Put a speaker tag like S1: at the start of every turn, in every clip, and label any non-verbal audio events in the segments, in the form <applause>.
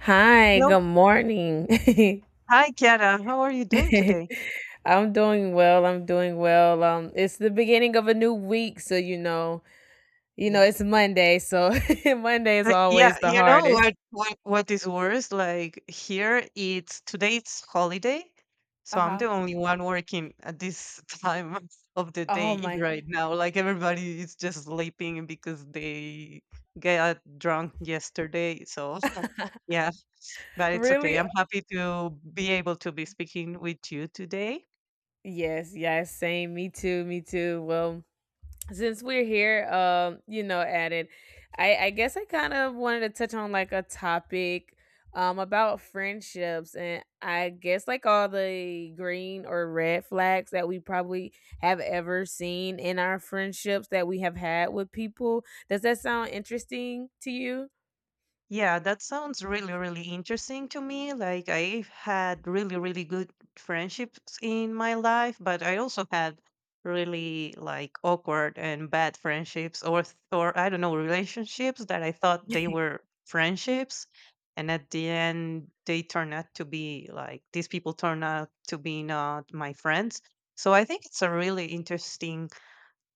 S1: Hi,
S2: Hello.
S1: good morning. <laughs>
S2: Hi, Chiara. How are you doing today?
S1: I'm doing well. I'm doing well. It's the beginning of a new week, so
S2: Yeah.
S1: it's Monday, so <laughs> Monday is
S2: Yeah,
S1: always the
S2: you know
S1: hardest.
S2: what is worse? Like here it's today it's holiday, so I'm the
S1: Uh-huh.
S2: only one working at this <laughs> time of the
S1: Oh
S2: day
S1: my.
S2: right now. Like everybody is just sleeping because they got drunk yesterday. So <laughs>
S1: <laughs>
S2: yeah, but it's okay.
S1: Really?
S2: I'm happy to be able to be speaking with you today.
S1: Yes, yes, same. Me too, me too. Well, since we're here, at it, I guess I kind of wanted to touch on, like, a topic, about friendships, and I guess, like, all the green or red flags that we probably have ever seen in our friendships that we have had with people. Does that sound interesting to you?
S2: Yeah, that sounds really, really interesting to me. Like, I've had really, really good friendships in my life, but I also had really like awkward and bad friendships or I don't know, relationships that I thought they
S1: <laughs>
S2: were friendships, and at the end they turn out to be like these people turn out to be not my friends. So I think it's a really interesting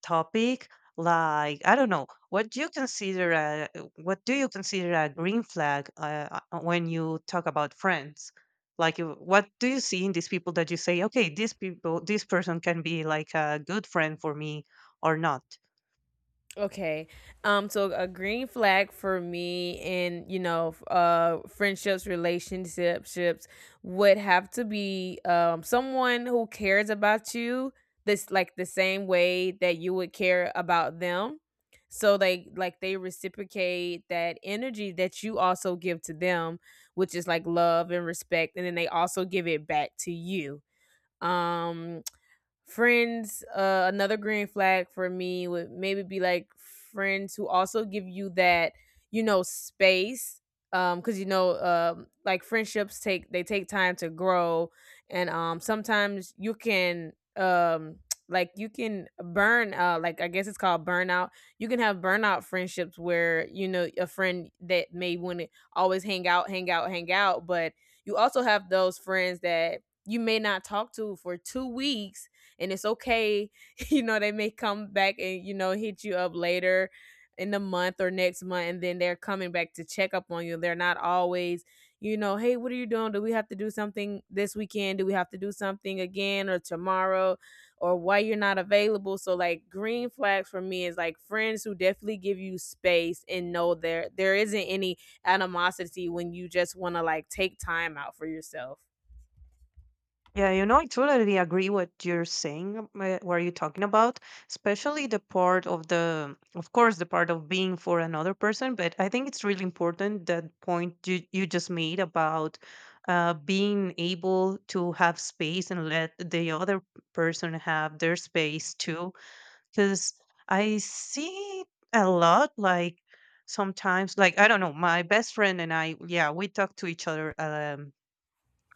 S2: topic. Like, I don't know, what do you consider a, what do you consider a green flag, when you talk about friends? Like what do you see in these people that you say, okay, these people, this person can be like a good friend for me or not?
S1: Okay. So a green flag for me, in, you know, friendships, relationships ships would have to be, someone who cares about you, this like the same way that you would care about them. So they reciprocate that energy that you also give to them, which is like love and respect, and then they also give it back to you. Um Friends, another green flag for me would maybe be, like, friends who also give you that, you know, space, because, you know, like, friendships take, they take time to grow. And sometimes you can, <tsk> like, you can burn, like, I guess, it's called burnout. You can have burnout friendships where, you know, a friend that may want to always hang out, hang out, hang out, but you also have those friends that you may not talk to for 2 weeks, and it's okay. <laughs> You know, they may come back, and, you know, hit you up later in the month or next month, and then they're coming back to check up on you. They're not always, you know, hey, what are you doing? Do we have to do something this weekend? Do we have to do something again or tomorrow? Or why you're not available? So, like, green flags for me is, like, friends who definitely give you space and know there isn't any animosity when you just want to, like, take time out for yourself.
S2: Yeah, you know, I totally agree what you're saying, what you're talking about, especially the part of the, of course, the part of being for another person. But I think it's really important that point you just made about being able to have space and let the other person have their space too. Because I see a lot, like sometimes, like, I don't know, my best friend and I, yeah, we talk to each other.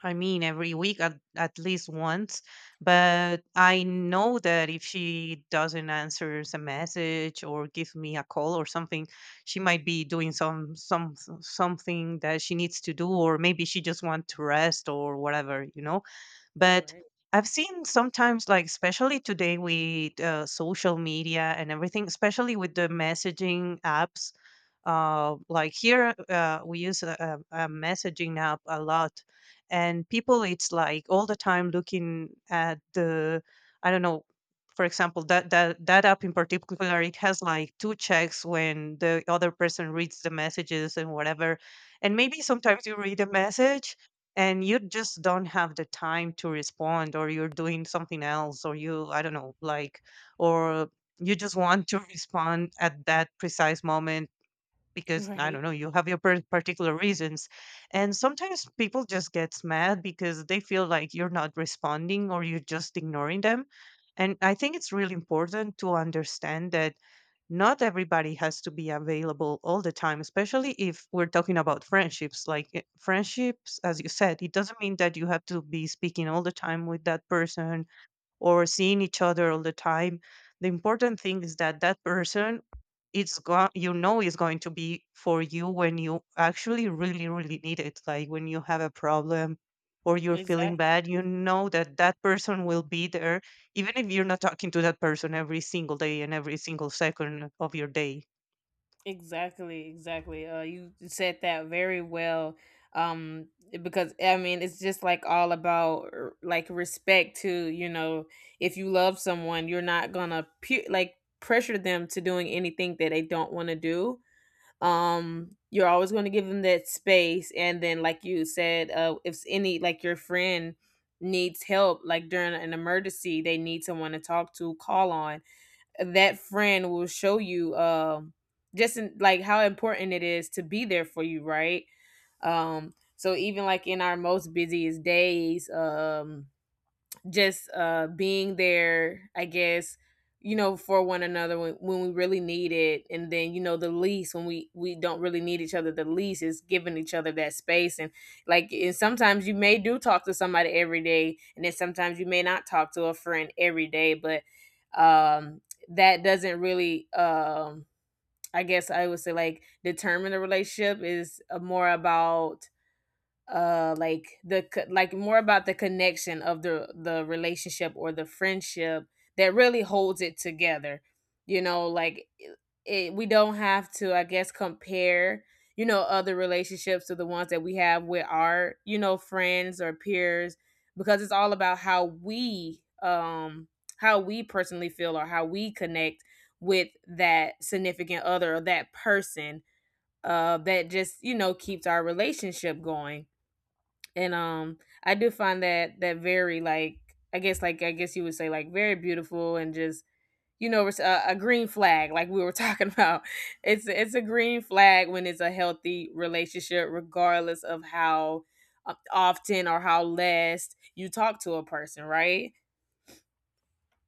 S2: I mean, every week at least once. But I know that if she doesn't answer a message or give me a call or something, she might be doing some something that she needs to do, or maybe she just wants to rest or whatever, you know. But
S1: Right.
S2: I've seen sometimes, like especially today with social media and everything, especially with the messaging apps. Like here, we use a messaging app a lot. And people, it's like all the time looking at the, I don't know, for example, that app in particular, it has like two checks when the other person reads the messages and whatever. And maybe sometimes you read a message and you just don't have the time to respond, or you're doing something else, or you, I don't know, like, or you just want to <laughs> respond at that precise moment
S1: <laughs>
S2: because I don't
S1: Right.
S2: know, you have your particular reasons. And sometimes people just gets mad because they feel like you're not responding or you're just ignoring them. And I think it's really important to understand that not everybody has to be available all the time, especially if we're talking about friendships. Like, eh, friendships, as you said, it doesn't mean that you have to be speaking all the time with that person or seeing each other all the time. The important thing is that that person, it's going, you know, is going to be for you when you actually really, really need it, like when you have a problem or you're feeling
S1: Exactly.
S2: bad, you know that that person will be there, even if you're not talking to that person every single day and every single second of your day.
S1: Exactly, exactly. You said that very well. Because, I mean, it's just, like, all about, like, respect to, you know, if you love someone, you're not gonna like pressure them to doing anything that they don't want to do. You're always going to give them that space, and then, like you said, if any, like, your friend needs help, like, during an emergency, they need someone to talk to, call on. That friend will show you, just in, like, how important it is to be there for you, right? So, even like in our most busiest days, just being there, I guess, you know, for one another when, we really need it. And then, you know, the least when we don't really need each other, the least is giving each other that space. And, like, and sometimes you may do talk to somebody every day, and then sometimes you may not talk to a friend every day, but, um that doesn't really, I guess I would say, like, determine the relationship. Is more about, like, the like, more about the connection of the relationship or the friendship that really holds it together. You know, like, we don't have to, I guess, compare, you know, other relationships to the ones that we have with our, you know, friends or peers. Because it's all about how we, how we personally feel or how we connect with that significant other or that person, that just, you know, keeps our relationship going. And, I do find that very, like, I guess, like, you would say, like, very beautiful, and just, you know, it's a green flag, like we were talking <laughs> about. It's a green flag when it's a healthy relationship, regardless of how, often or how less you talk to a person, right?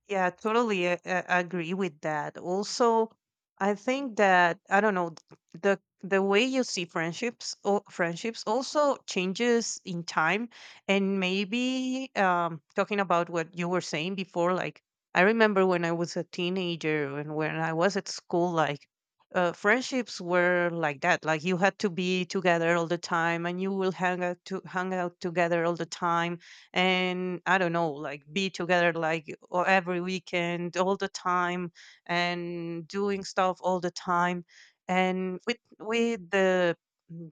S2: Yeah, totally, agree with that. Also, I think that I don't know, the way you see friendships or friendships also changes in time. And maybe talking about what you were saying before, like, I remember when I was a teenager and when I was at school, like, friendships were like that. Like you had to be together all the time, and you will hang out together all the time, and I don't know, like be together, like every weekend, all the time, and doing stuff all the time. And with the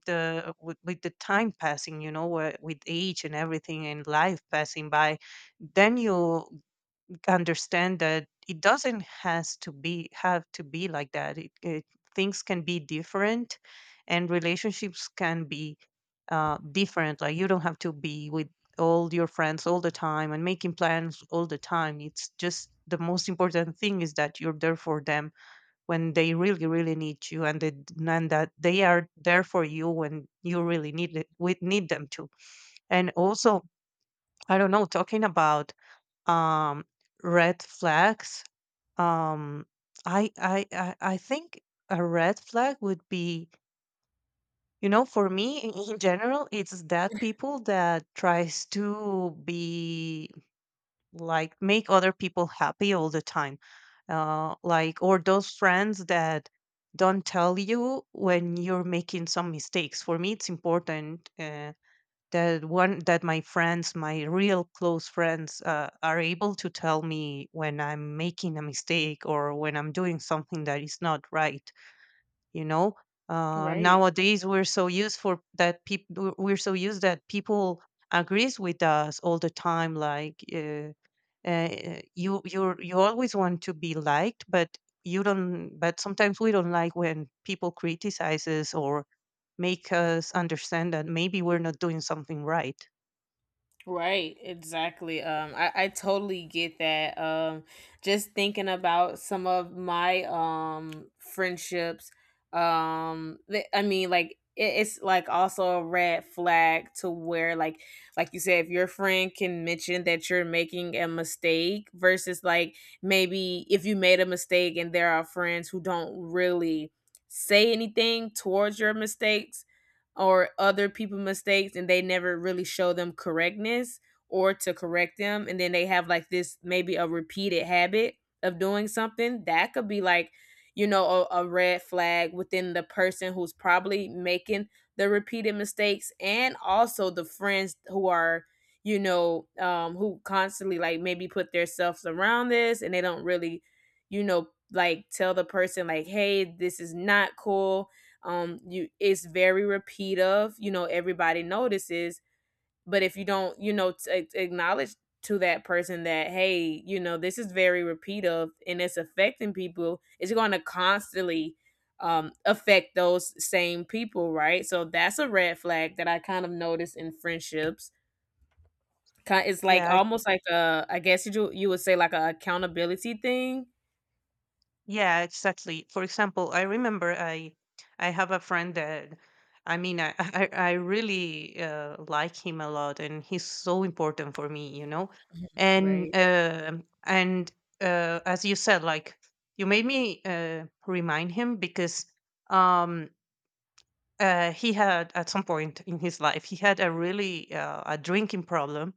S2: with the time passing, you know, with age and everything, and life passing by, then you understand that it doesn't has to be have to be like that. It things can be different and relationships can be different. Like you don't have to be with all your friends all the time and making plans all the time. It's just the most important thing is that you're there for them when they really, really need you. And, they, and that they are there for you when you really need it, we need them to. And also, I don't know, talking about um, red flags. Um, I think a red flag would be, you know, for me in general, it's that people that tries to be like make other people happy all the time. Like, or those friends that don't tell you when you're making some mistakes. For me, it's important. That one, that my friends, my real close friends, are able to tell me when I'm making a mistake or when I'm doing something that is not right, you know.
S1: Right.
S2: Nowadays, we're so used for that people, we're so used that people agrees with us all the time. Like, uh, you always want to be liked, but you don't, but sometimes we don't like when people criticize us or make us understand that maybe we're not doing something right.
S1: Right, exactly. I totally get that. Just thinking about some of my, friendships. I mean, like, it's like also a red flag, to where, like you said, if your friend can mention that you're making a mistake, versus, like, maybe if you made a mistake and there are friends who don't really say anything towards your mistakes or other people mistakes, and they never really show them correctness or to correct them, and then they have, like, this maybe a repeated habit of doing something that could be, like, you know, a red flag within the person who's probably making the repeated mistakes, and also the friends who are, you know, who constantly, like, maybe put themselves around this, and they don't really, you know, like, tell the person, like, hey, this is not cool. You, it's very repetitive. You know, everybody notices. But if you don't, you know, acknowledge to that person that, hey, you know, this is very repetitive and it's affecting people, it's going to constantly, affect those same people, right? So that's a red flag that I kind of notice in friendships. It's like
S2: Yeah.
S1: almost like a, I guess, you would say, like, a accountability thing.
S2: Yeah, exactly. For example, I remember I have a friend that, I mean, I <laughs> I really, like him a lot, and he's so important for me, you know. And
S1: Right.
S2: uh, and as you said, like, you made me, remind him, because um he had, at some point in his life he had a really, a drinking problem.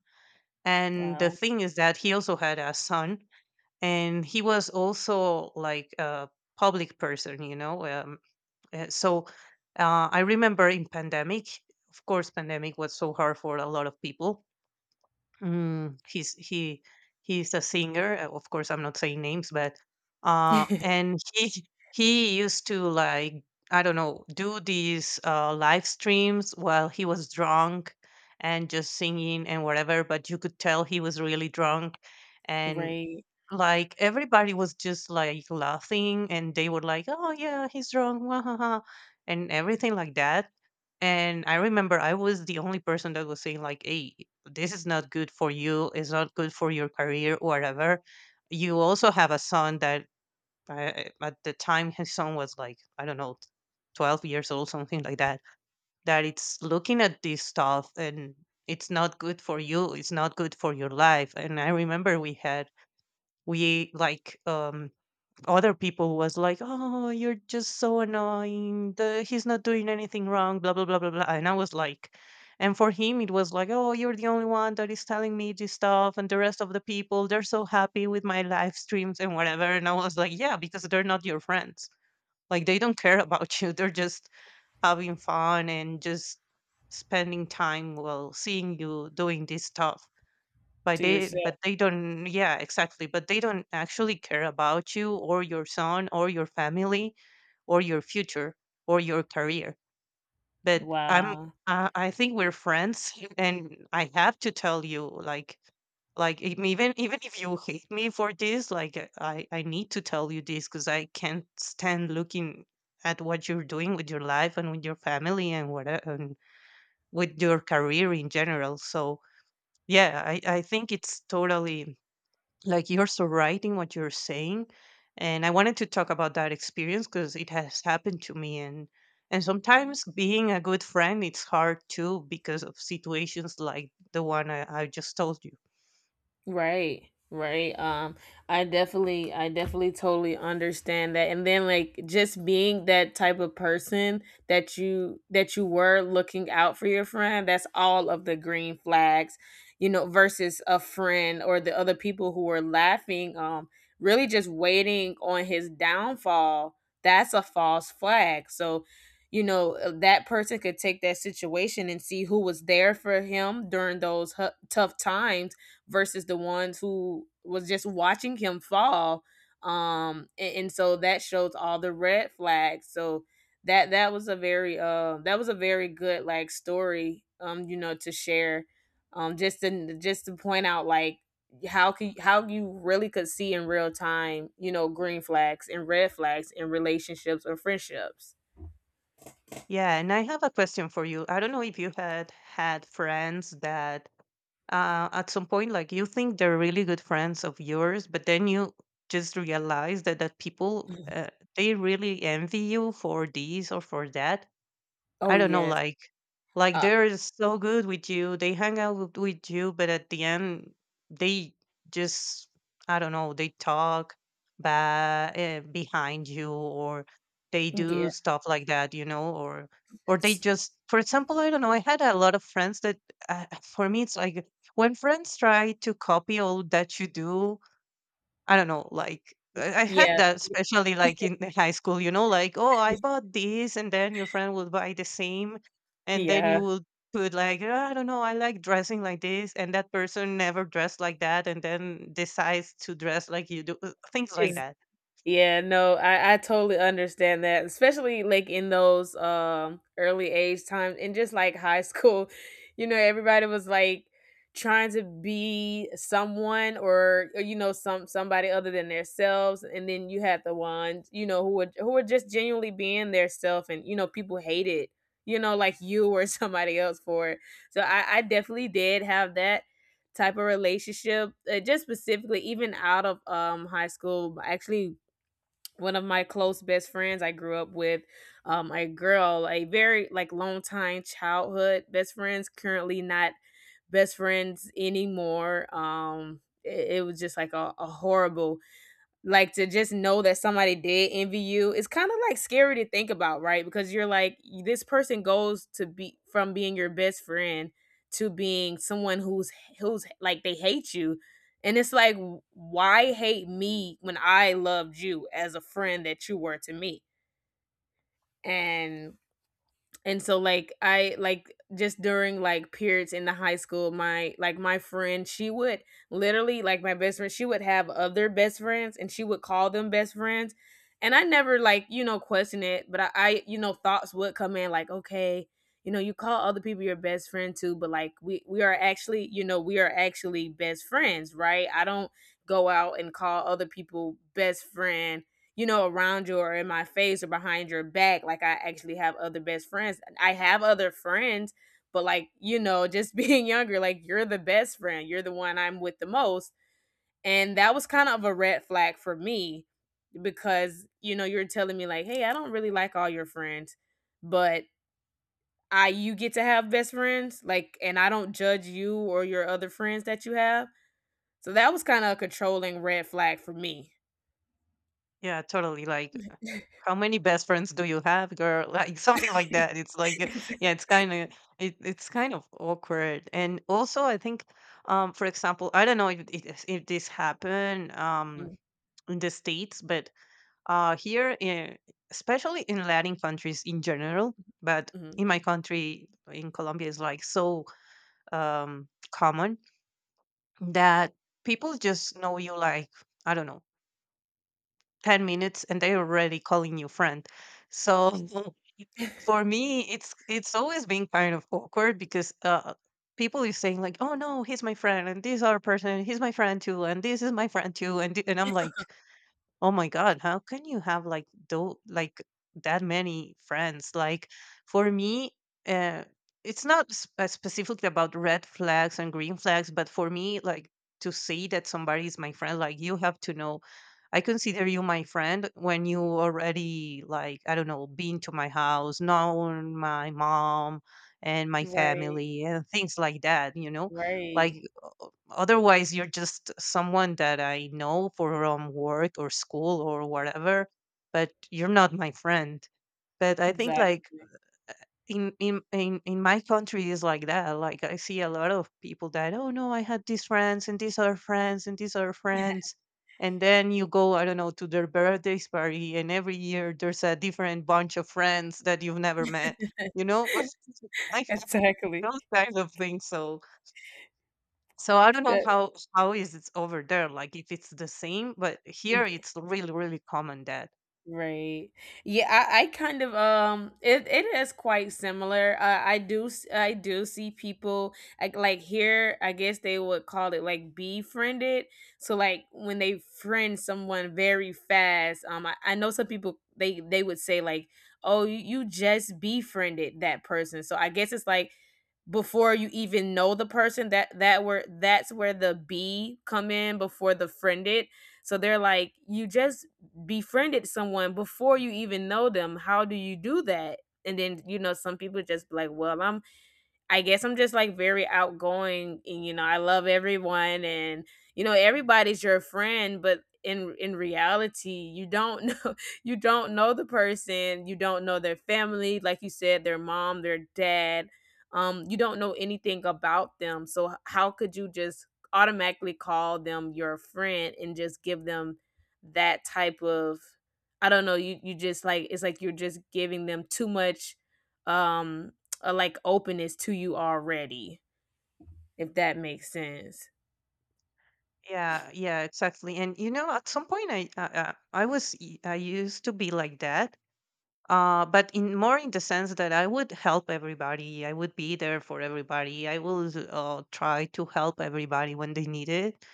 S2: And the
S1: Wow.
S2: thing is that he also had a son, and he was also like a public person, you know, so I remember in pandemic, of course pandemic was so hard for a lot of people. mm, he's he he's a singer, of course I'm not saying names, but
S1: <laughs>
S2: and he used to like, I don't know, do these live streams while he was drunk and just singing and whatever, but you could tell he was really drunk. And
S1: Right.
S2: like, everybody was just like laughing and they were like, "Oh yeah, he's drunk, wah, ha, ha," and everything like that. And I remember I was the only person that was saying like, "Hey, this is not good for you. It's not good for your career or whatever." You also have a son that, uh, at the time his son was like, I don't know, 12 years old, something like that, that it's looking at this stuff, and it's not good for you, it's not good for your life. And I remember we had, we like other people was like, oh, you're just so annoying, the, he's not doing anything wrong, blah blah blah blah blah, and I was like, and for him it was like, oh, you're the only one that is telling me this stuff, and the rest of the people they're so happy with my live streams and whatever, and I was like, yeah, because they're not your friends. Like, they don't care about you. <laughs> They're just having fun and just spending time while seeing you doing this stuff.
S1: To yourself.
S2: But they don't, yeah, exactly, but they don't actually care about you or your son or your family or your future or your career. But I'm
S1: Wow.
S2: I I think we're friends <laughs> and I have to tell you, like even if you hate me for this, like I need to tell you this because I can't stand looking at what you're doing with your life and with your family and what and with your career in general. So yeah, I think it's totally like you're so right in what you're saying. And I wanted to talk about that experience because it has happened to me, and sometimes being a good friend, it's hard too because of situations like the one I just told you.
S1: Right. Right. I definitely totally understand that. And then, like, just being that type of person that you were looking out for your friend, that's all of the green flags, you know, versus a friend or the other people who were laughing, really just waiting on his downfall. That's a false flag. So, you know, that person could take that situation and see who was there for him during those tough times versus the ones who was just watching him fall. And So that shows all the red flags. So that was a very good, like, story, you know, to share, just to point out, like, how can, how you really could see in real time, you know, green flags and red flags in relationships or friendships.
S2: Yeah, and I have a question for you. I don't know if you had had friends that, at some point, like, you think they're really good friends of yours, but then you just realize that people, they really envy you for this or for that.
S1: Oh,
S2: I don't know,
S1: yes.
S2: like
S1: uh
S2: they're so good with you, they hang out with you, but at the end they just, I don't know, they talk behind you, or they do stuff like that, you know, or they
S1: yes.
S2: just, for example, I don't know, I had a lot of friends that, for me, it's like when friends try to copy all that you do. I don't know, like I had
S1: Yeah,
S2: that, especially like in the high school, you know, like, oh, I bought this, and then your friend will buy the same, and then you
S1: yeah.
S2: will put like, I don't know, I like dressing like this, and that person never dressed like that, and then decides to dress like you do, things like
S1: is
S2: that."
S1: Yeah, no, I totally understand that, especially, like, in those, early age times and just, like, high school. <laughs> You know, everybody was, like, trying to be someone, or, you know, somebody other than themselves, and then you had the ones, you know, who were just genuinely being their self, and, you know, people hated, you know, like, you or <laughs> somebody else for it. So, I definitely did have that type of relationship, just specifically, even out of, high school, actually, one of my close best friends I grew up with, a girl, a very, like, long time childhood best friends, currently not best friends anymore. It was just like a horrible, like, to just know that somebody did envy you, it's kinda, like, scary to think about, right? Because you're like, this person goes to be from being your best friend to being someone who's like, they hate you, and it's like, why hate me when I loved you as a friend that you were to me?" And and so, like, I like just during, like, periods in the high school, my friend, she would literally, like, my best friend, she would have other best friends, and she would call them best friends. And I never, like, you know, question it, but I you know, thoughts would come in, like, okay, you know, you call other people your best friend too, but, like, we are actually you know we are actually best friends, right? I don't go out and call other people best friend, you know, around you or in my face or behind your back. Like, I actually have other best friends. I have other friends, but, like, you know, just <laughs> being younger, like, you're the best friend. You're the one I'm with the most. And that was kind of a red flag for me because, you know, you're telling me like, "Hey, I don't really like all your friends, but I you get to have best friends, like, and I don't judge you or your other friends that you have." So that was kind of a controlling red flag for me.
S2: Yeah, totally. Like,
S1: <laughs>
S2: how many best friends do you have, girl? <laughs> Like something like that. It's like, yeah, it's kind of it's kind of awkward. And also, I think, for example, I don't know if, it, if this happened. In the states, but here in, especially in Latin countries in general, but
S1: Mhm.
S2: in my country, in Colombia, is like so common that people just know you like, I don't know, 10 minutes, and they're already calling you friend. So, <laughs> for me, it's always been kind of awkward, because people is saying like, "Oh no, he's my friend, and this other person, he's my friend too, and this is my friend too," and, and I'm like, "Oh my God, how can you have like though like that many friends?" Like, for me, uh, it's not specifically about red flags and green flags, but for me, like, to say that somebody is my friend, like, you have to know. I consider you my friend when you already, like, I don't know, been to my house, known my mom and my
S1: Right.
S2: family and things like that. You know, like,
S1: Right.
S2: otherwise, you're just someone that I know from work or school or whatever, but you're not my friend. But I think
S1: Exactly.
S2: like in in my country is like that. Like, I see a lot of people that, oh no, I had these friends and these other friends and these other friends. And then you go, I don't know, to their birthday party, and every year there's a different bunch of friends that you've never met. You
S1: <laughs>
S2: know, <laughs> I have
S1: Exactly.
S2: those kinds of things. So so I don't know
S1: That
S2: how is it's over there, like if it's the same, but here it's really really common that.
S1: Right. Yeah, I kind of, it is quite similar. I do see people, like, here, I guess, they would call it, like, befriended. So like when they friend someone very fast, I know some people they would say like, "Oh, you just befriended that person." So I guess it's like before you even know the person that's where the B come in before the friended. So they're like, you just befriended someone before you even know them. How do you do that? And then you know, some people just be like, well I guess I'm just like very outgoing, and you know, I love everyone, and you know, everybody's your friend. But in reality, you don't know <laughs> you don't know the person, you don't know their family, like you said, their mom, their dad. You don't know anything about them. So how could you just automatically call them your friend and just give them that type of, I don't know, you just like, it's like you're just giving them too much um a like openness to you already, if that makes sense.
S2: Yeah, yeah, exactly. And you know, at some point, I was I used to be like that. But in more in the sense that I would help everybody, I would be there for everybody, I would, try to help everybody when they need it.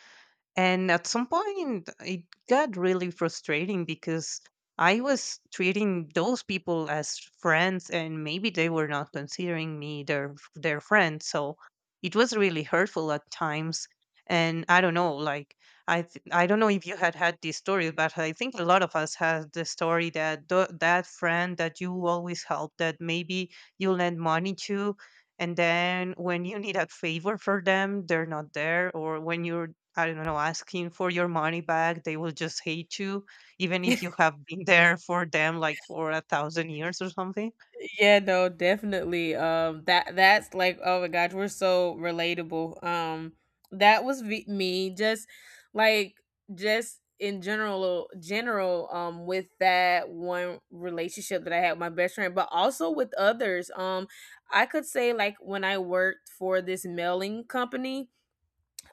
S2: And at some point, it got really frustrating because I was treating those people as friends, and maybe they were not considering me their friend. So it was really hurtful at times. And I don't know, like, I I don't know if you had had this story, but I think a lot of us had the story that that friend that you always help, that maybe you lend money to, and then when you need a favor for them, they're not there, or when you are, I don't know, asking for your money back, they will just hate you, even if you have been there for them like for a thousand years or something.
S1: <laughs> Yeah, no, definitely. That's like, oh my gosh, we're so relatable. That was me, just like just in general. With that one relationship that I had with my best friend, but also with others. I could say like when I worked for this mailing company,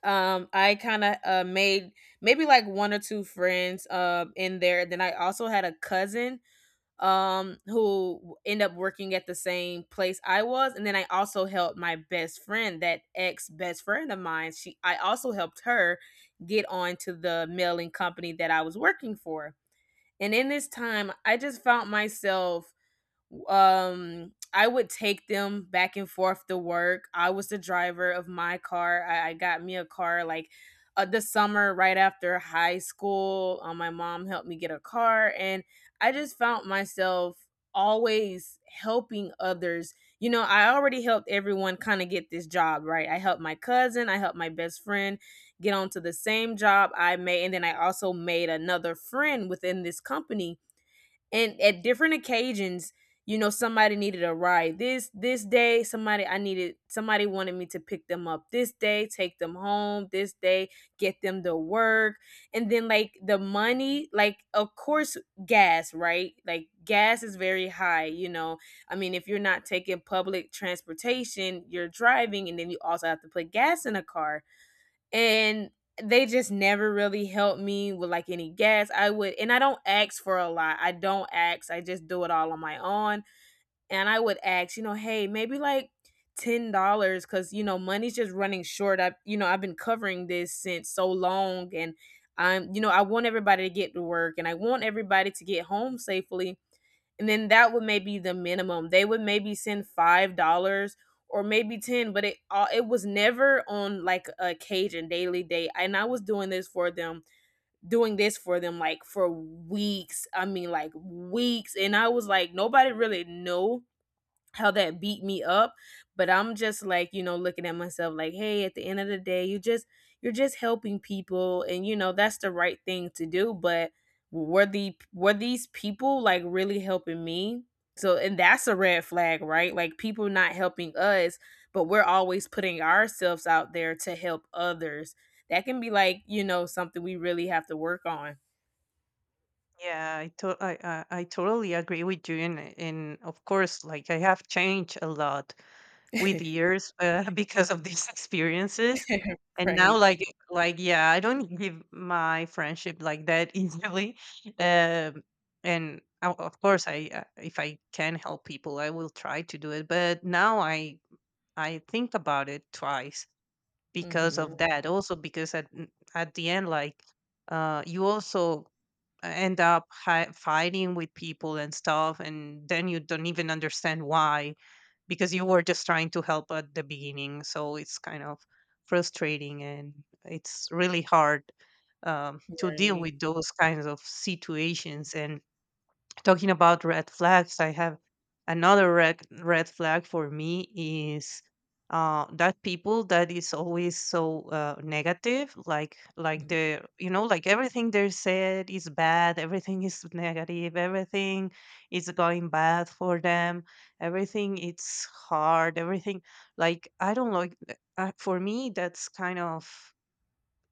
S1: I kind of made maybe like one or two friends in there. Then I also had a cousin who ended up working at the same place I was. And then I also helped my best friend, that ex best friend of mine, she I also helped her get on to the mailing company that I was working for. And in this time I just found myself, I would take them back and forth to work. I was the driver of my car. I got me a car like the summer right after high school. My mom helped me get a car, and I just found myself always helping others. You know, I already helped everyone kind of get this job, right? I helped my cousin, I helped my best friend get onto the same job I made, and then I also made another friend within this company. And at different occasions, you know, somebody needed a ride this day, somebody I needed somebody wanted me to pick them up this day, take them home this day, get them to work. And then like the money, like of course gas, right? Like gas is very high, you know. I mean, if you're not taking public transportation, you're driving, and then you also have to put gas in a car. And they just never really helped me with like any gas. I would, and I don't ask for a lot. I don't ask. I just do it all on my own. And I would ask, you know, hey, maybe like $10, because you know, money's just running short. You know, I've been covering this since so long, and you know, I want everybody to get to work, and I want everybody to get home safely. And then that would maybe the minimum. They would maybe send $5 or maybe 10, but it was never on like a Cajun daily date. And I was doing this for them, doing this for them like for weeks. I mean, like weeks, and I was like, nobody really knew how that beat me up. But I'm just like, you know, looking at myself like, hey, at the end of the day, you're just helping people, and you know, that's the right thing to do. But were these people like really helping me? So and that's a red flag, right? Like people not helping us, but we're always putting ourselves out there to help others. That can be like, you know, something we really have to work on.
S2: Yeah, I totally agree with you, and of course, like, I have changed a lot with
S1: <laughs>
S2: years, <laughs> because of these <laughs> experiences, and now
S1: Right.
S2: like, yeah, I don't give my friendship like that <laughs> easily, um, and of course, I, if I can help people, I will try to do it. But now I think about it twice because
S1: Mhm.
S2: of that. Also, because at at the end, like, you also end up fighting with people and stuff, and then you don't even understand why, because you were just trying to help at the beginning. So it's kind of frustrating, and it's really hard, to deal
S1: Right.
S2: with those kinds of situations and talking about red flags, I have another red flag for me is that people that is always so, negative, like
S1: Mhm.
S2: the, you know, like everything they said is bad, everything is negative, everything is going bad for them, everything it's hard, everything, like, I don't like. For me, that's kind of,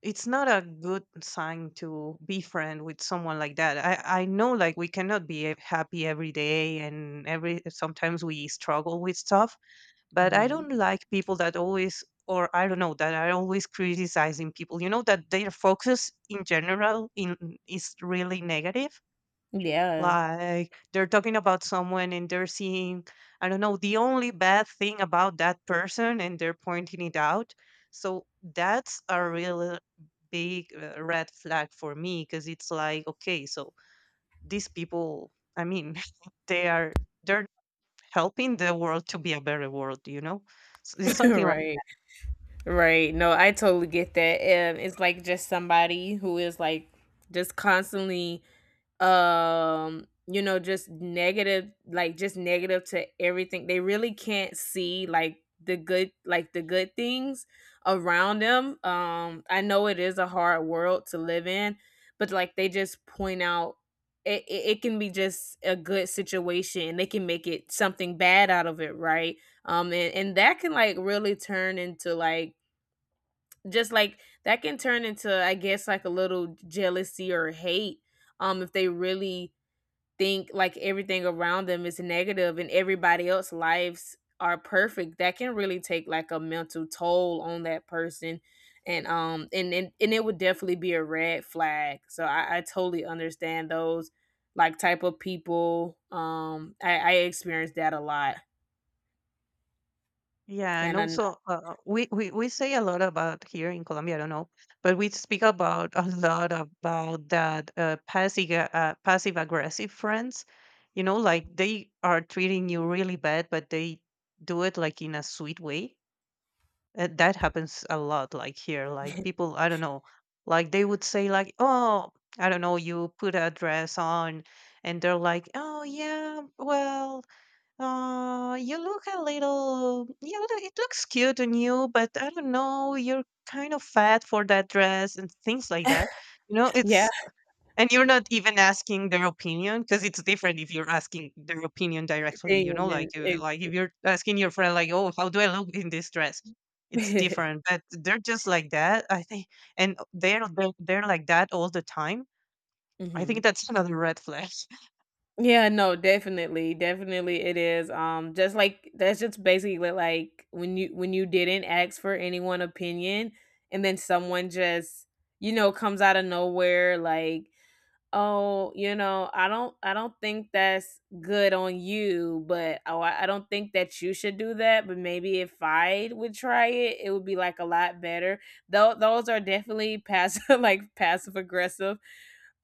S2: it's not a good sign to be friend with someone like that. I know, like, we cannot be happy every day and every sometimes we struggle with stuff, but I
S1: Mhm.
S2: don't like people that always, or I don't know, that are always criticizing people. You know, that their focus in general in is really negative,
S1: Yeah.
S2: like they're talking about someone and they're seeing, I don't know, the only bad thing about that person and they're pointing it out. So that's a real big, red flag for me, because it's like, okay, so these people, I mean, <laughs> they are, they're helping the world to be a better world, you know? So it's
S1: <laughs>
S2: something.
S1: Right, right. No, I totally get that. It's like just somebody who is like just constantly you know, just negative, like just negative to everything. They really can't see like the good, like the good things around them. I know it is a hard world to live in, but like they just point out it can be just a good situation, and they can make it something bad out of it, right? And that can like really turn into like just like that can turn into, I guess, like a little jealousy or hate. If they really think like everything around them is negative, and everybody else's lives are perfect, that can really take like a mental toll on that person. And it would definitely be a red flag. So I totally understand those like type of people. I experienced that a lot
S2: Yeah, and
S1: and I
S2: also, we we say a lot about here in Colombia, I don't know, but we speak about a lot about that, passive, passive aggressive friends. You know, like, they are treating you really bad, but they do it like in a sweet way. That happens a lot, like here, like people, I don't know, like they would say like, "Oh, I don't know, you put a dress on," and they're like, "Oh yeah, well, uh, you look a little, you know, it looks cute on you, but I don't know, you're kind of fat for that dress," and things like that. You know,
S1: <laughs> yeah <laughs>
S2: and you're not even asking their opinion, because it's different if you're asking their opinion
S1: I
S2: directly, you know,
S1: did.
S2: like if you're asking your friend, like, "Oh, how do I look in this dress?" It's different, but they're just like that, I think, and they're like that all the time. I think
S1: Mhm. <laughs>
S2: that's <laughs> another red flag.
S1: Yeah, no, definitely. Definitely it is. Just like, that's just basically like when you didn't ask for anyone opinion, and then someone just, you know, comes out of nowhere like, "Oh, you know, I don't think that's good on you, but oh, I don't think that you should do that, but maybe if I would try it, it would be like a lot better." Though those are definitely passive <laughs> like passive aggressive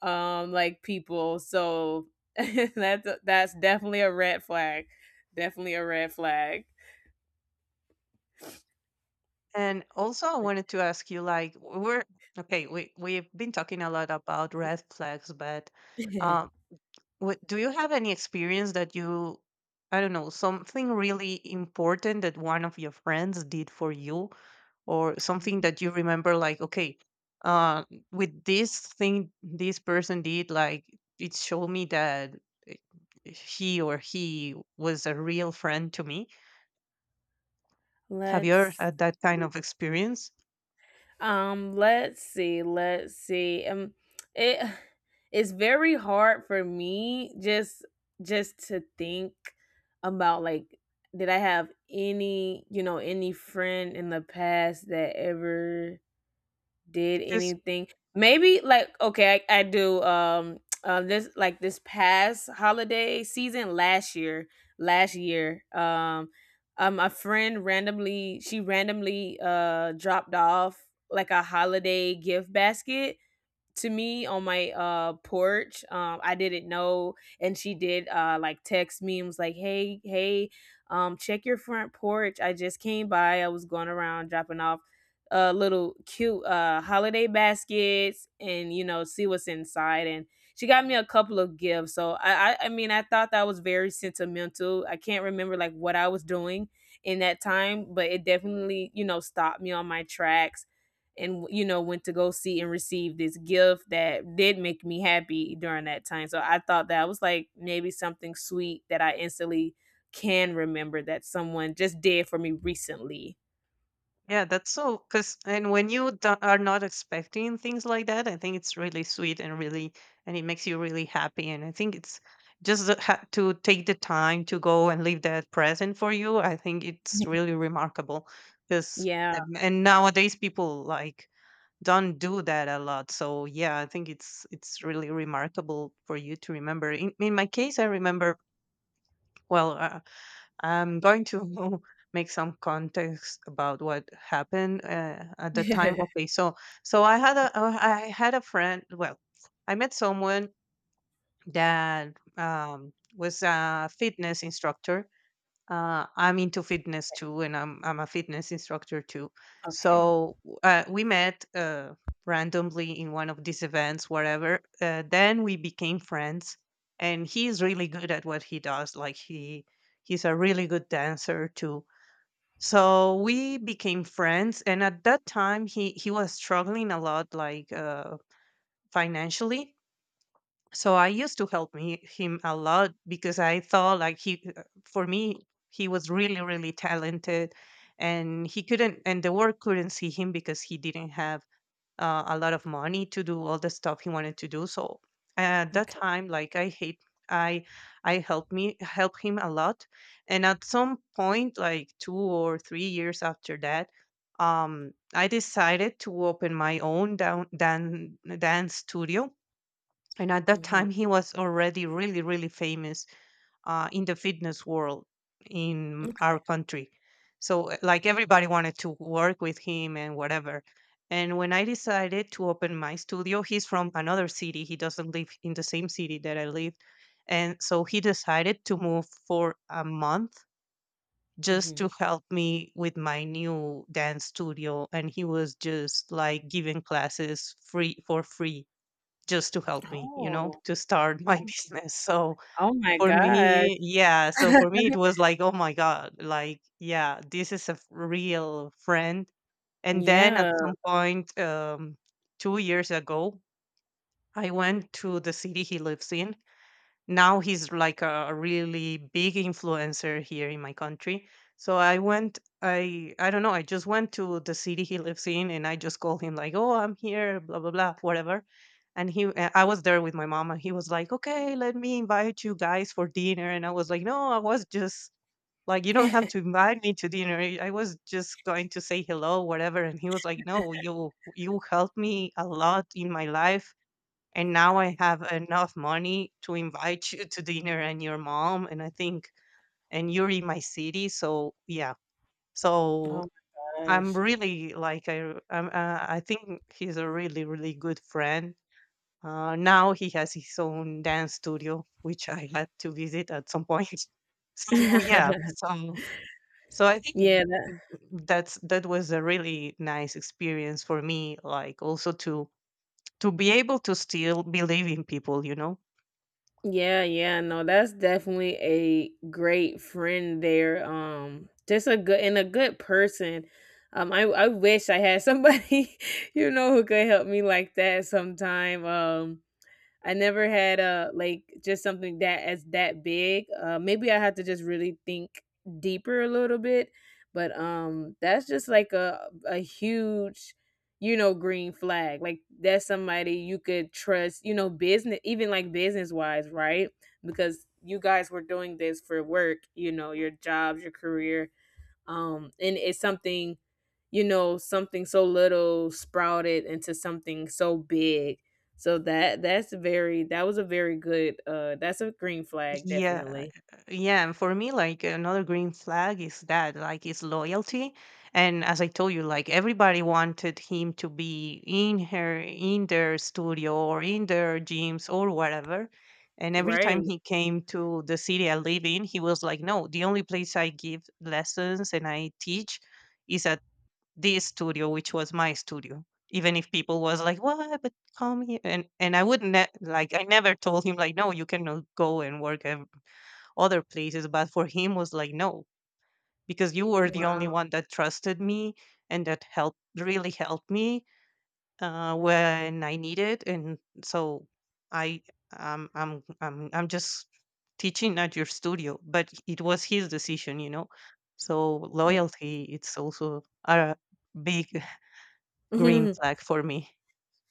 S1: like people. So <laughs> that's definitely a red flag, definitely a red flag.
S2: And also, I wanted to ask you, like, we're okay. We we've been talking a lot about red flags, but um,
S1: <laughs>
S2: what, do you have any experience that you, I don't know, something really important that one of your friends did for you, or something
S1: Mm.
S2: that you remember, like, okay, uh, with this thing this person did, like, it showed me that eh, he or he was a real friend to me. Have you ever
S1: Let's
S2: had that kind
S1: see.
S2: of experience?
S1: Let's see, it it's very hard for me just to think about like, did I have any, you know, any friend in the past that ever did
S2: Just
S1: anything, maybe like, okay. I do, this past holiday season, last year. A friend randomly, she randomly dropped off like a holiday gift basket to me on my porch. I didn't know, and she did like text me and was like, hey, check your front porch. I just came by. I was going around dropping off little cute holiday baskets, and you know, see what's inside. And she got me a couple of gifts. So I mean, I thought that was very sentimental. I can't remember like what I was doing in that time, but it definitely, you know, stopped me on my tracks, and you know, went to go see and receive this gift that did make me happy during that time. So I thought that, I was like, maybe something sweet that I instantly can remember, that someone just did for me recently.
S2: yeah, that's so. Because and when you are not expecting things like that, I think it's really sweet and really, and it makes you really happy. And I think it's just to take the time to go and leave that present for you. I think it's
S1: <laughs>
S2: really remarkable. Because
S1: Yeah.
S2: and nowadays people like don't do that a lot. So yeah, I think it's really remarkable for you to remember. In my case, I remember well. I'm going to <laughs> make some context about what happened, at the time.
S1: <laughs>
S2: Okay, so so I had a, I had a friend. Well, I met someone that, was a fitness instructor, I'm into fitness too, and I'm a fitness instructor too.
S1: Okay,
S2: So, we met, randomly in one of these events, whatever. Then we became friends, and he's really good at what he does. Like, he's a really good dancer too. So we became friends, and at that time, he was struggling a lot, like, financially, so I used to help me him a lot, because I thought like he, for me, he was really really talented, and he couldn't, and the world couldn't see him, because he didn't have, a lot of money to do all the stuff he wanted to do. So at that
S1: okay.
S2: time, like, I hate I I helped me help him a lot. And at some point, like 2 or 3 years after that, I decided to open my own dance studio. And at that
S1: Hmm,
S2: time, he was already really really famous, in the fitness world in our country. So, like, everybody wanted to work with him and whatever. And when I decided to open my studio, he's from another city, he doesn't live in the same city that I live, and so he decided to move for a month just to
S1: hmm.
S2: help me with my new dance studio, and he was just like giving classes free for free just to help me, you know,
S1: Oh,
S2: to start my
S1: oh,
S2: <laughs> business. So
S1: oh my
S2: for
S1: gosh.
S2: me, yeah. So for
S1: <laughs>
S2: me, it was like, oh my God, like, yeah, this is a real friend. And then at
S1: Yeah.
S2: some point, 2 years ago, I went to the city he lives in now. He's like a really big influencer here in my country. So I went, I don't know, I just went to the city he lives in and I just called him like, "Oh, I'm here, blah blah blah, whatever." And he I was there with my mom and he was like, "Okay, let me invite you guys for dinner." And I was like, "No, I was just like you don't have to invite me to dinner, I was just going to say hello, whatever." And he was like, "No, you helped me a lot in my life and now I have enough money to invite you to dinner and your mom. And I think, and you're in my city, so yeah." So
S1: Oh my
S2: I'm
S1: gosh.
S2: really like I'm, I think he's a really really good friend. Now he has his own dance studio, which I had to visit at some point. <laughs> So yeah,
S1: <laughs>
S2: so I
S1: Yeah,
S2: think that was a really nice experience for me. Like also to be able to still believe in people, you know?
S1: yeah, yeah. No, that's definitely a great friend there. Just a good and a good person. I wish I had somebody, <laughs> you know, who could help me like that sometime. I never had a like just something that as that big. Maybe I have to just really think deeper a little bit, but that's just like a huge, you know, green flag. Like that's somebody you could trust. You know, business even like business wise, right? Because you guys were doing this for work. You know, your jobs, your career, and it's something, you know, something so little sprouted into something so big. So that was a very good that's a green flag,
S2: Yeah,
S1: definitely.
S2: yeah. And for me, like another green flag is that, like, is loyalty. And as I told you, like everybody wanted him to be in her, in their studio or in their gyms or whatever. And every time
S1: Right.
S2: he came to the city I live in, he was like, "No, the only place I give lessons and I teach is at this studio, which was my studio." Even if people was like, "What? But come here," and I wouldn't ne- like I never told him like, "No, you cannot go and work other places," but for him was like, "No, because you were the only
S1: Wow.
S2: one that trusted me and that helped, really helped me when I needed." And so I, I'm just teaching at your studio, but it was his decision, you know? So loyalty, it's also a big <laughs> green
S1: <laughs>
S2: flag for me.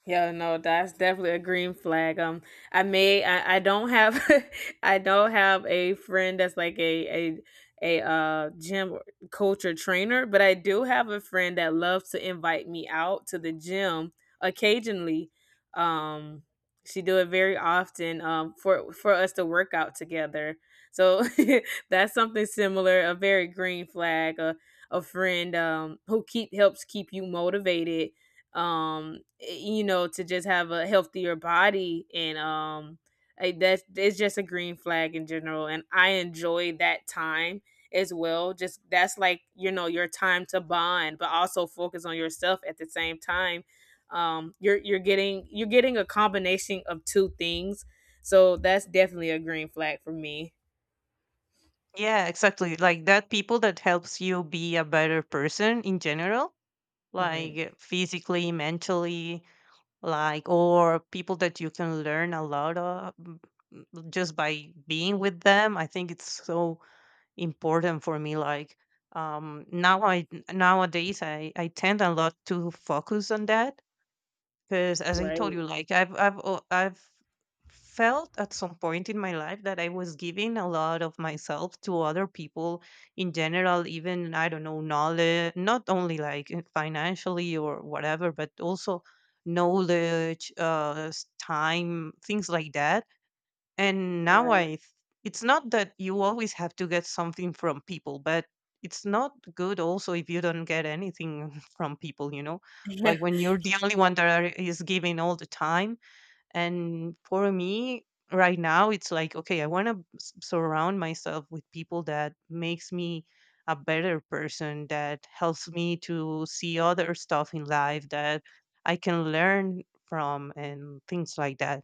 S1: Yeah, no, that's definitely a green flag. I don't have, <laughs> I don't have a friend that's like a gym coach or trainer, but I do have a friend that loves to invite me out to the gym occasionally. Um, she do it very often. For us to work out together. So <laughs> that's something similar, a very green flag, a friend who keep helps keep you motivated, you know, to just have a healthier body, and that's it's just a green flag in general. And I enjoy that time as well. Just that's like, you know, your time to bond, but also focus on yourself at the same time. You're getting a combination of two things. So that's definitely a green flag for me.
S2: Yeah, exactly. Like that people that helps you be a better person in general,
S1: Hmm.
S2: like physically, mentally, like or people that you can learn a lot of just by being with them. I think it's so important for me, like, now I nowadays I tend a lot to focus on that. 'Cause as I told you,
S1: Right,
S2: like I've al I've felt at some point in my life that I was giving a lot of myself to other people in general, even, I don't know, knowledge, not only like financially or whatever, but also knowledge, time, things like that. And now
S1: right.
S2: it's not that you always have to get something from people, but it's not good also if you don't get anything <laughs> from people, you know? Like
S1: <laughs>
S2: when you're the only one that are, is giving all the time. And for me, right now, it's like, okay, I want to surround myself with people that makes me a better person, that helps me to see other stuff in life that I can learn from and things like that.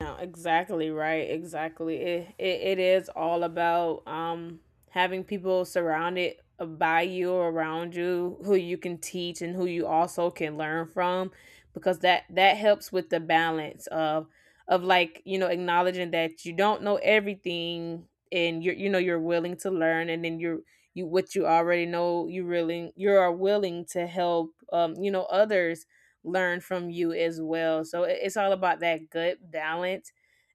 S1: No, exactly right. Exactly. It is all about having people surrounded by you or around you who you can teach and who you also can learn from. Because that helps with the balance of like, you know, acknowledging that you don't know everything, and you know, you're willing to learn, and then you, what you already know, you are willing to help you know, others learn from you as well. So it's all about that good balance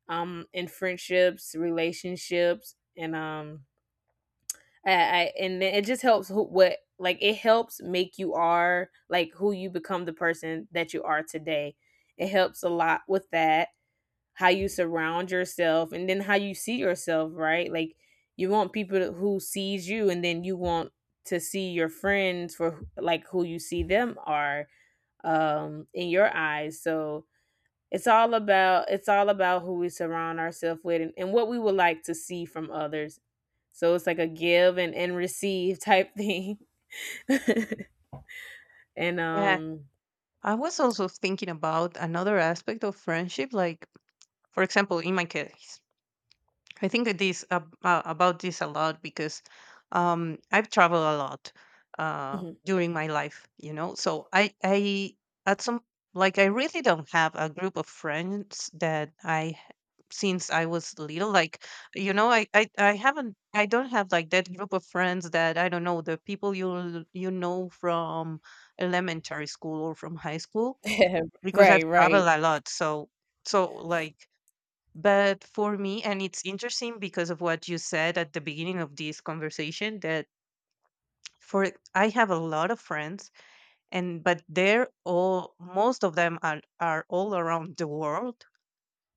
S1: in friendships, relationships and I and it just helps who, what like it helps make you are like who you become, the person that you are today. It helps a lot with that, how you surround yourself and then how you see yourself, right? Like you want people who sees you, and then you want to see your friends for who you see them are in your eyes, so it's all about who we surround ourselves with, and what we would like to see from others. So it's like a give and receive type thing <laughs> and
S2: Yeah, I was also thinking about another aspect of friendship, like, for example, in my case, I think that this about this a lot because I've traveled a lot
S1: mhm.
S2: during my life, you know. So I at some like I really don't have a group of friends that I since I was little. Like, you know, I haven't, I don't have like that group of friends that I don't know the people you know from elementary school or from high school
S1: <laughs>
S2: because
S1: right
S2: I've
S1: right
S2: traveled a lot, so like but for me and it's interesting because of what you said at the beginning of this conversation that for I have a lot of friends and but they're all most of them are all around the world,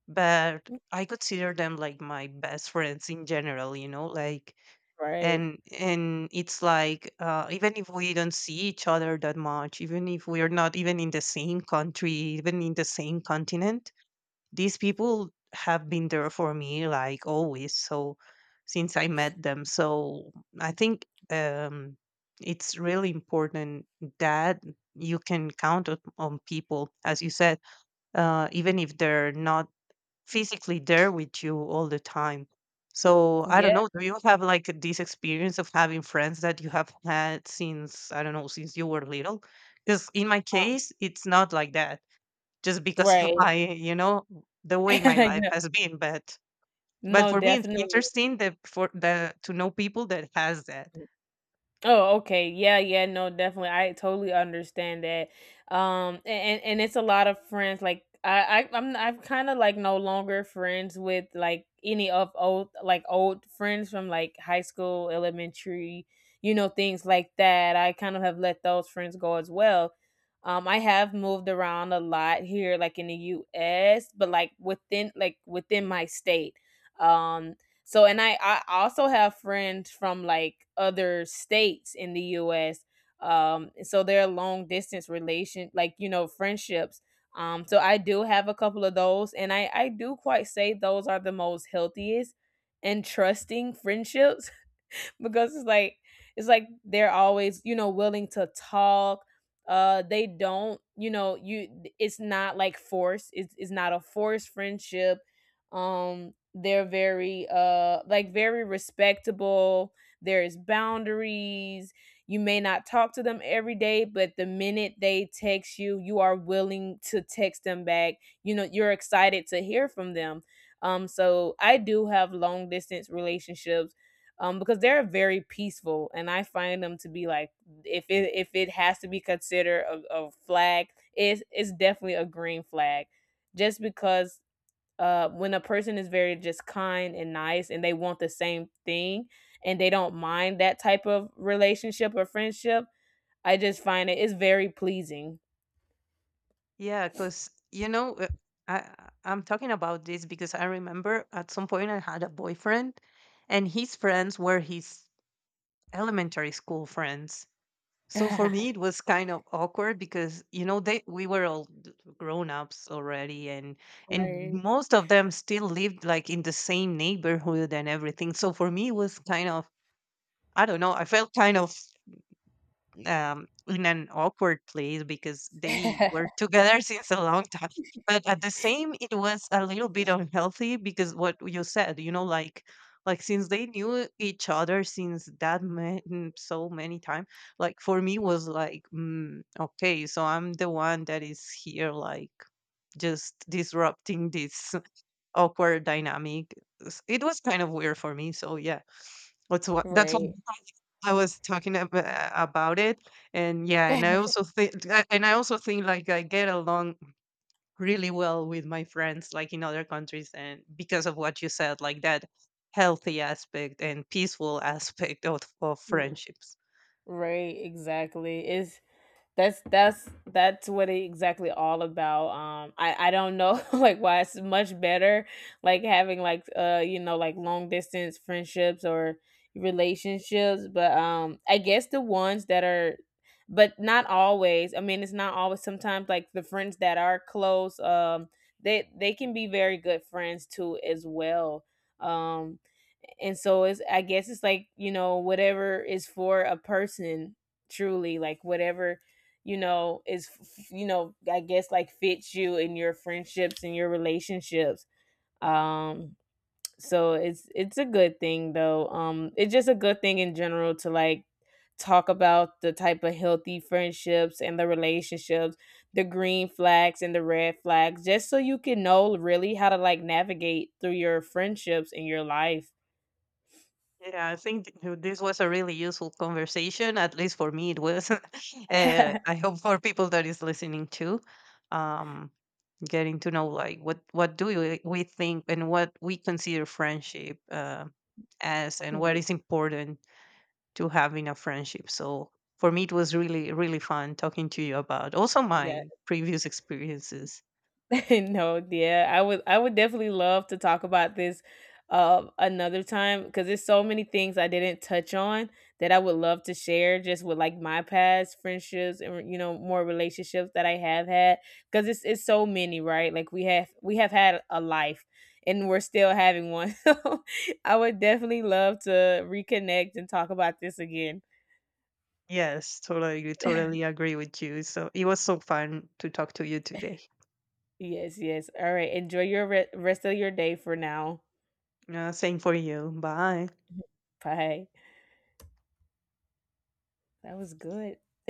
S2: but I consider them like my best friends in general, you know, like
S1: right,
S2: and it's like even if we don't see each other that much, even if we're not even in the same country, even in the same continent, these people have been there for me like always. So since I met them, so I think, it's really important that you can count on people as you said, even if they're not physically there with you all the time. So I
S1: yeah,
S2: don't know, do you have like this experience of having friends that you have had since, I don't know, since you were little? Because in my case it's not like that, just because of
S1: right.
S2: my, you know, the way my
S1: <laughs>
S2: life
S1: no,
S2: has been. But
S1: no,
S2: for me, it's
S1: definitely.
S2: interesting that for the to know people that has that.
S1: Oh, okay. Yeah, yeah, no, definitely. I totally understand that. And it's a lot of friends, like I'm kind of like no longer friends with like any of old like old friends from like high school, elementary, you know, things like that. I kind of have let those friends go as well. I have moved around a lot here, like in the US, but like within my state. Um, so, and I also have friends from like other states in the US. So they're long distance relation, like, you know, friendships. So I do have a couple of those, and I do quite say those are the most healthiest and trusting friendships <laughs> because it's like they're always, you know, willing to talk. Uh, they don't, you know, you, it's not like forced. It's not a forced friendship. Um, they're very like very respectable. There's boundaries. You may not talk to them every day, but the minute they text you, you are willing to text them back. You know, you're excited to hear from them. Um, so I do have long distance relationships, because they're very peaceful, and I find them to be like, if it has to be considered a flag, it's definitely a green flag, just because, when a person is very just kind and nice, and they want the same thing, and they don't mind that type of relationship or friendship, I just find it's very pleasing.
S2: Yeah, because you know, I'm talking about this because I remember at some point I had a boyfriend, and his friends were his elementary school friends. So for me, it
S1: <laughs>
S2: was kind of awkward because you know they we were all grown ups already, and
S1: Right.
S2: most of them still lived like in the same neighborhood and everything. So for me, it was kind of I don't know. I felt kind of in an awkward place because they were
S1: <laughs>
S2: together <laughs> since a long time. But at the same, it was a little bit unhealthy because what you said, you know, like since they knew each other since that man, so many times, like for me was like, mm, okay, so I'm the one that is here, like just disrupting this awkward dynamic. It was kind of weird for me. So yeah, that's what
S1: Right.
S2: I was talking about it. And yeah,
S1: <laughs>
S2: and I also think like I get along really well with my friends like in other countries and because of what you said like that healthy aspect and peaceful <laughs> aspect of friendships.
S1: Right, exactly. It's That's what it exactly all about. I don't know <laughs> like why it's much better, like having like, uh, you know, like long distance friendships or relationships, but um, I guess the ones that are, but not always. I mean, it's not always. Sometimes like the friends that are close, they can be very good friends too as well. Um, and so it's, I guess it's like, you know, whatever is for a person truly, like whatever, you know, is, you know, I guess like fits you in your friendships and your relationships, um, so it's a good thing though. Um, it's just a good thing in general to like talk about the type of healthy friendships and the relationships, the green flags and the red flags, just so you can know really how to like navigate through your friendships in your life.
S2: Yeah, I think this was a really useful conversation. At least for me, it was. <laughs>
S1: <laughs>
S2: I hope for people that is listening too. Um, Getting to know like what do we think and what we consider friendship as and what
S1: Mm,
S2: is important to have in a friendship. So for me it was really really fun talking to you about also
S1: yeah.
S2: my previous experiences.
S1: <laughs> No, yeah. I would definitely love to talk about this another time because there's so many things I didn't touch on that I would love to share, just with like my past friendships and, you know, more relationships that I have had, because it's so many, right? Like we have had a life and we're still having one. <laughs> So I would definitely love to reconnect and talk about this again.
S2: Yes, totally
S1: <laughs>
S2: agree with you, so it was so fun to talk to you today.
S1: Yes, yes. All right. Enjoy your rest of your day for now.
S2: Same for you. Bye.
S1: Bye. That was good. <laughs>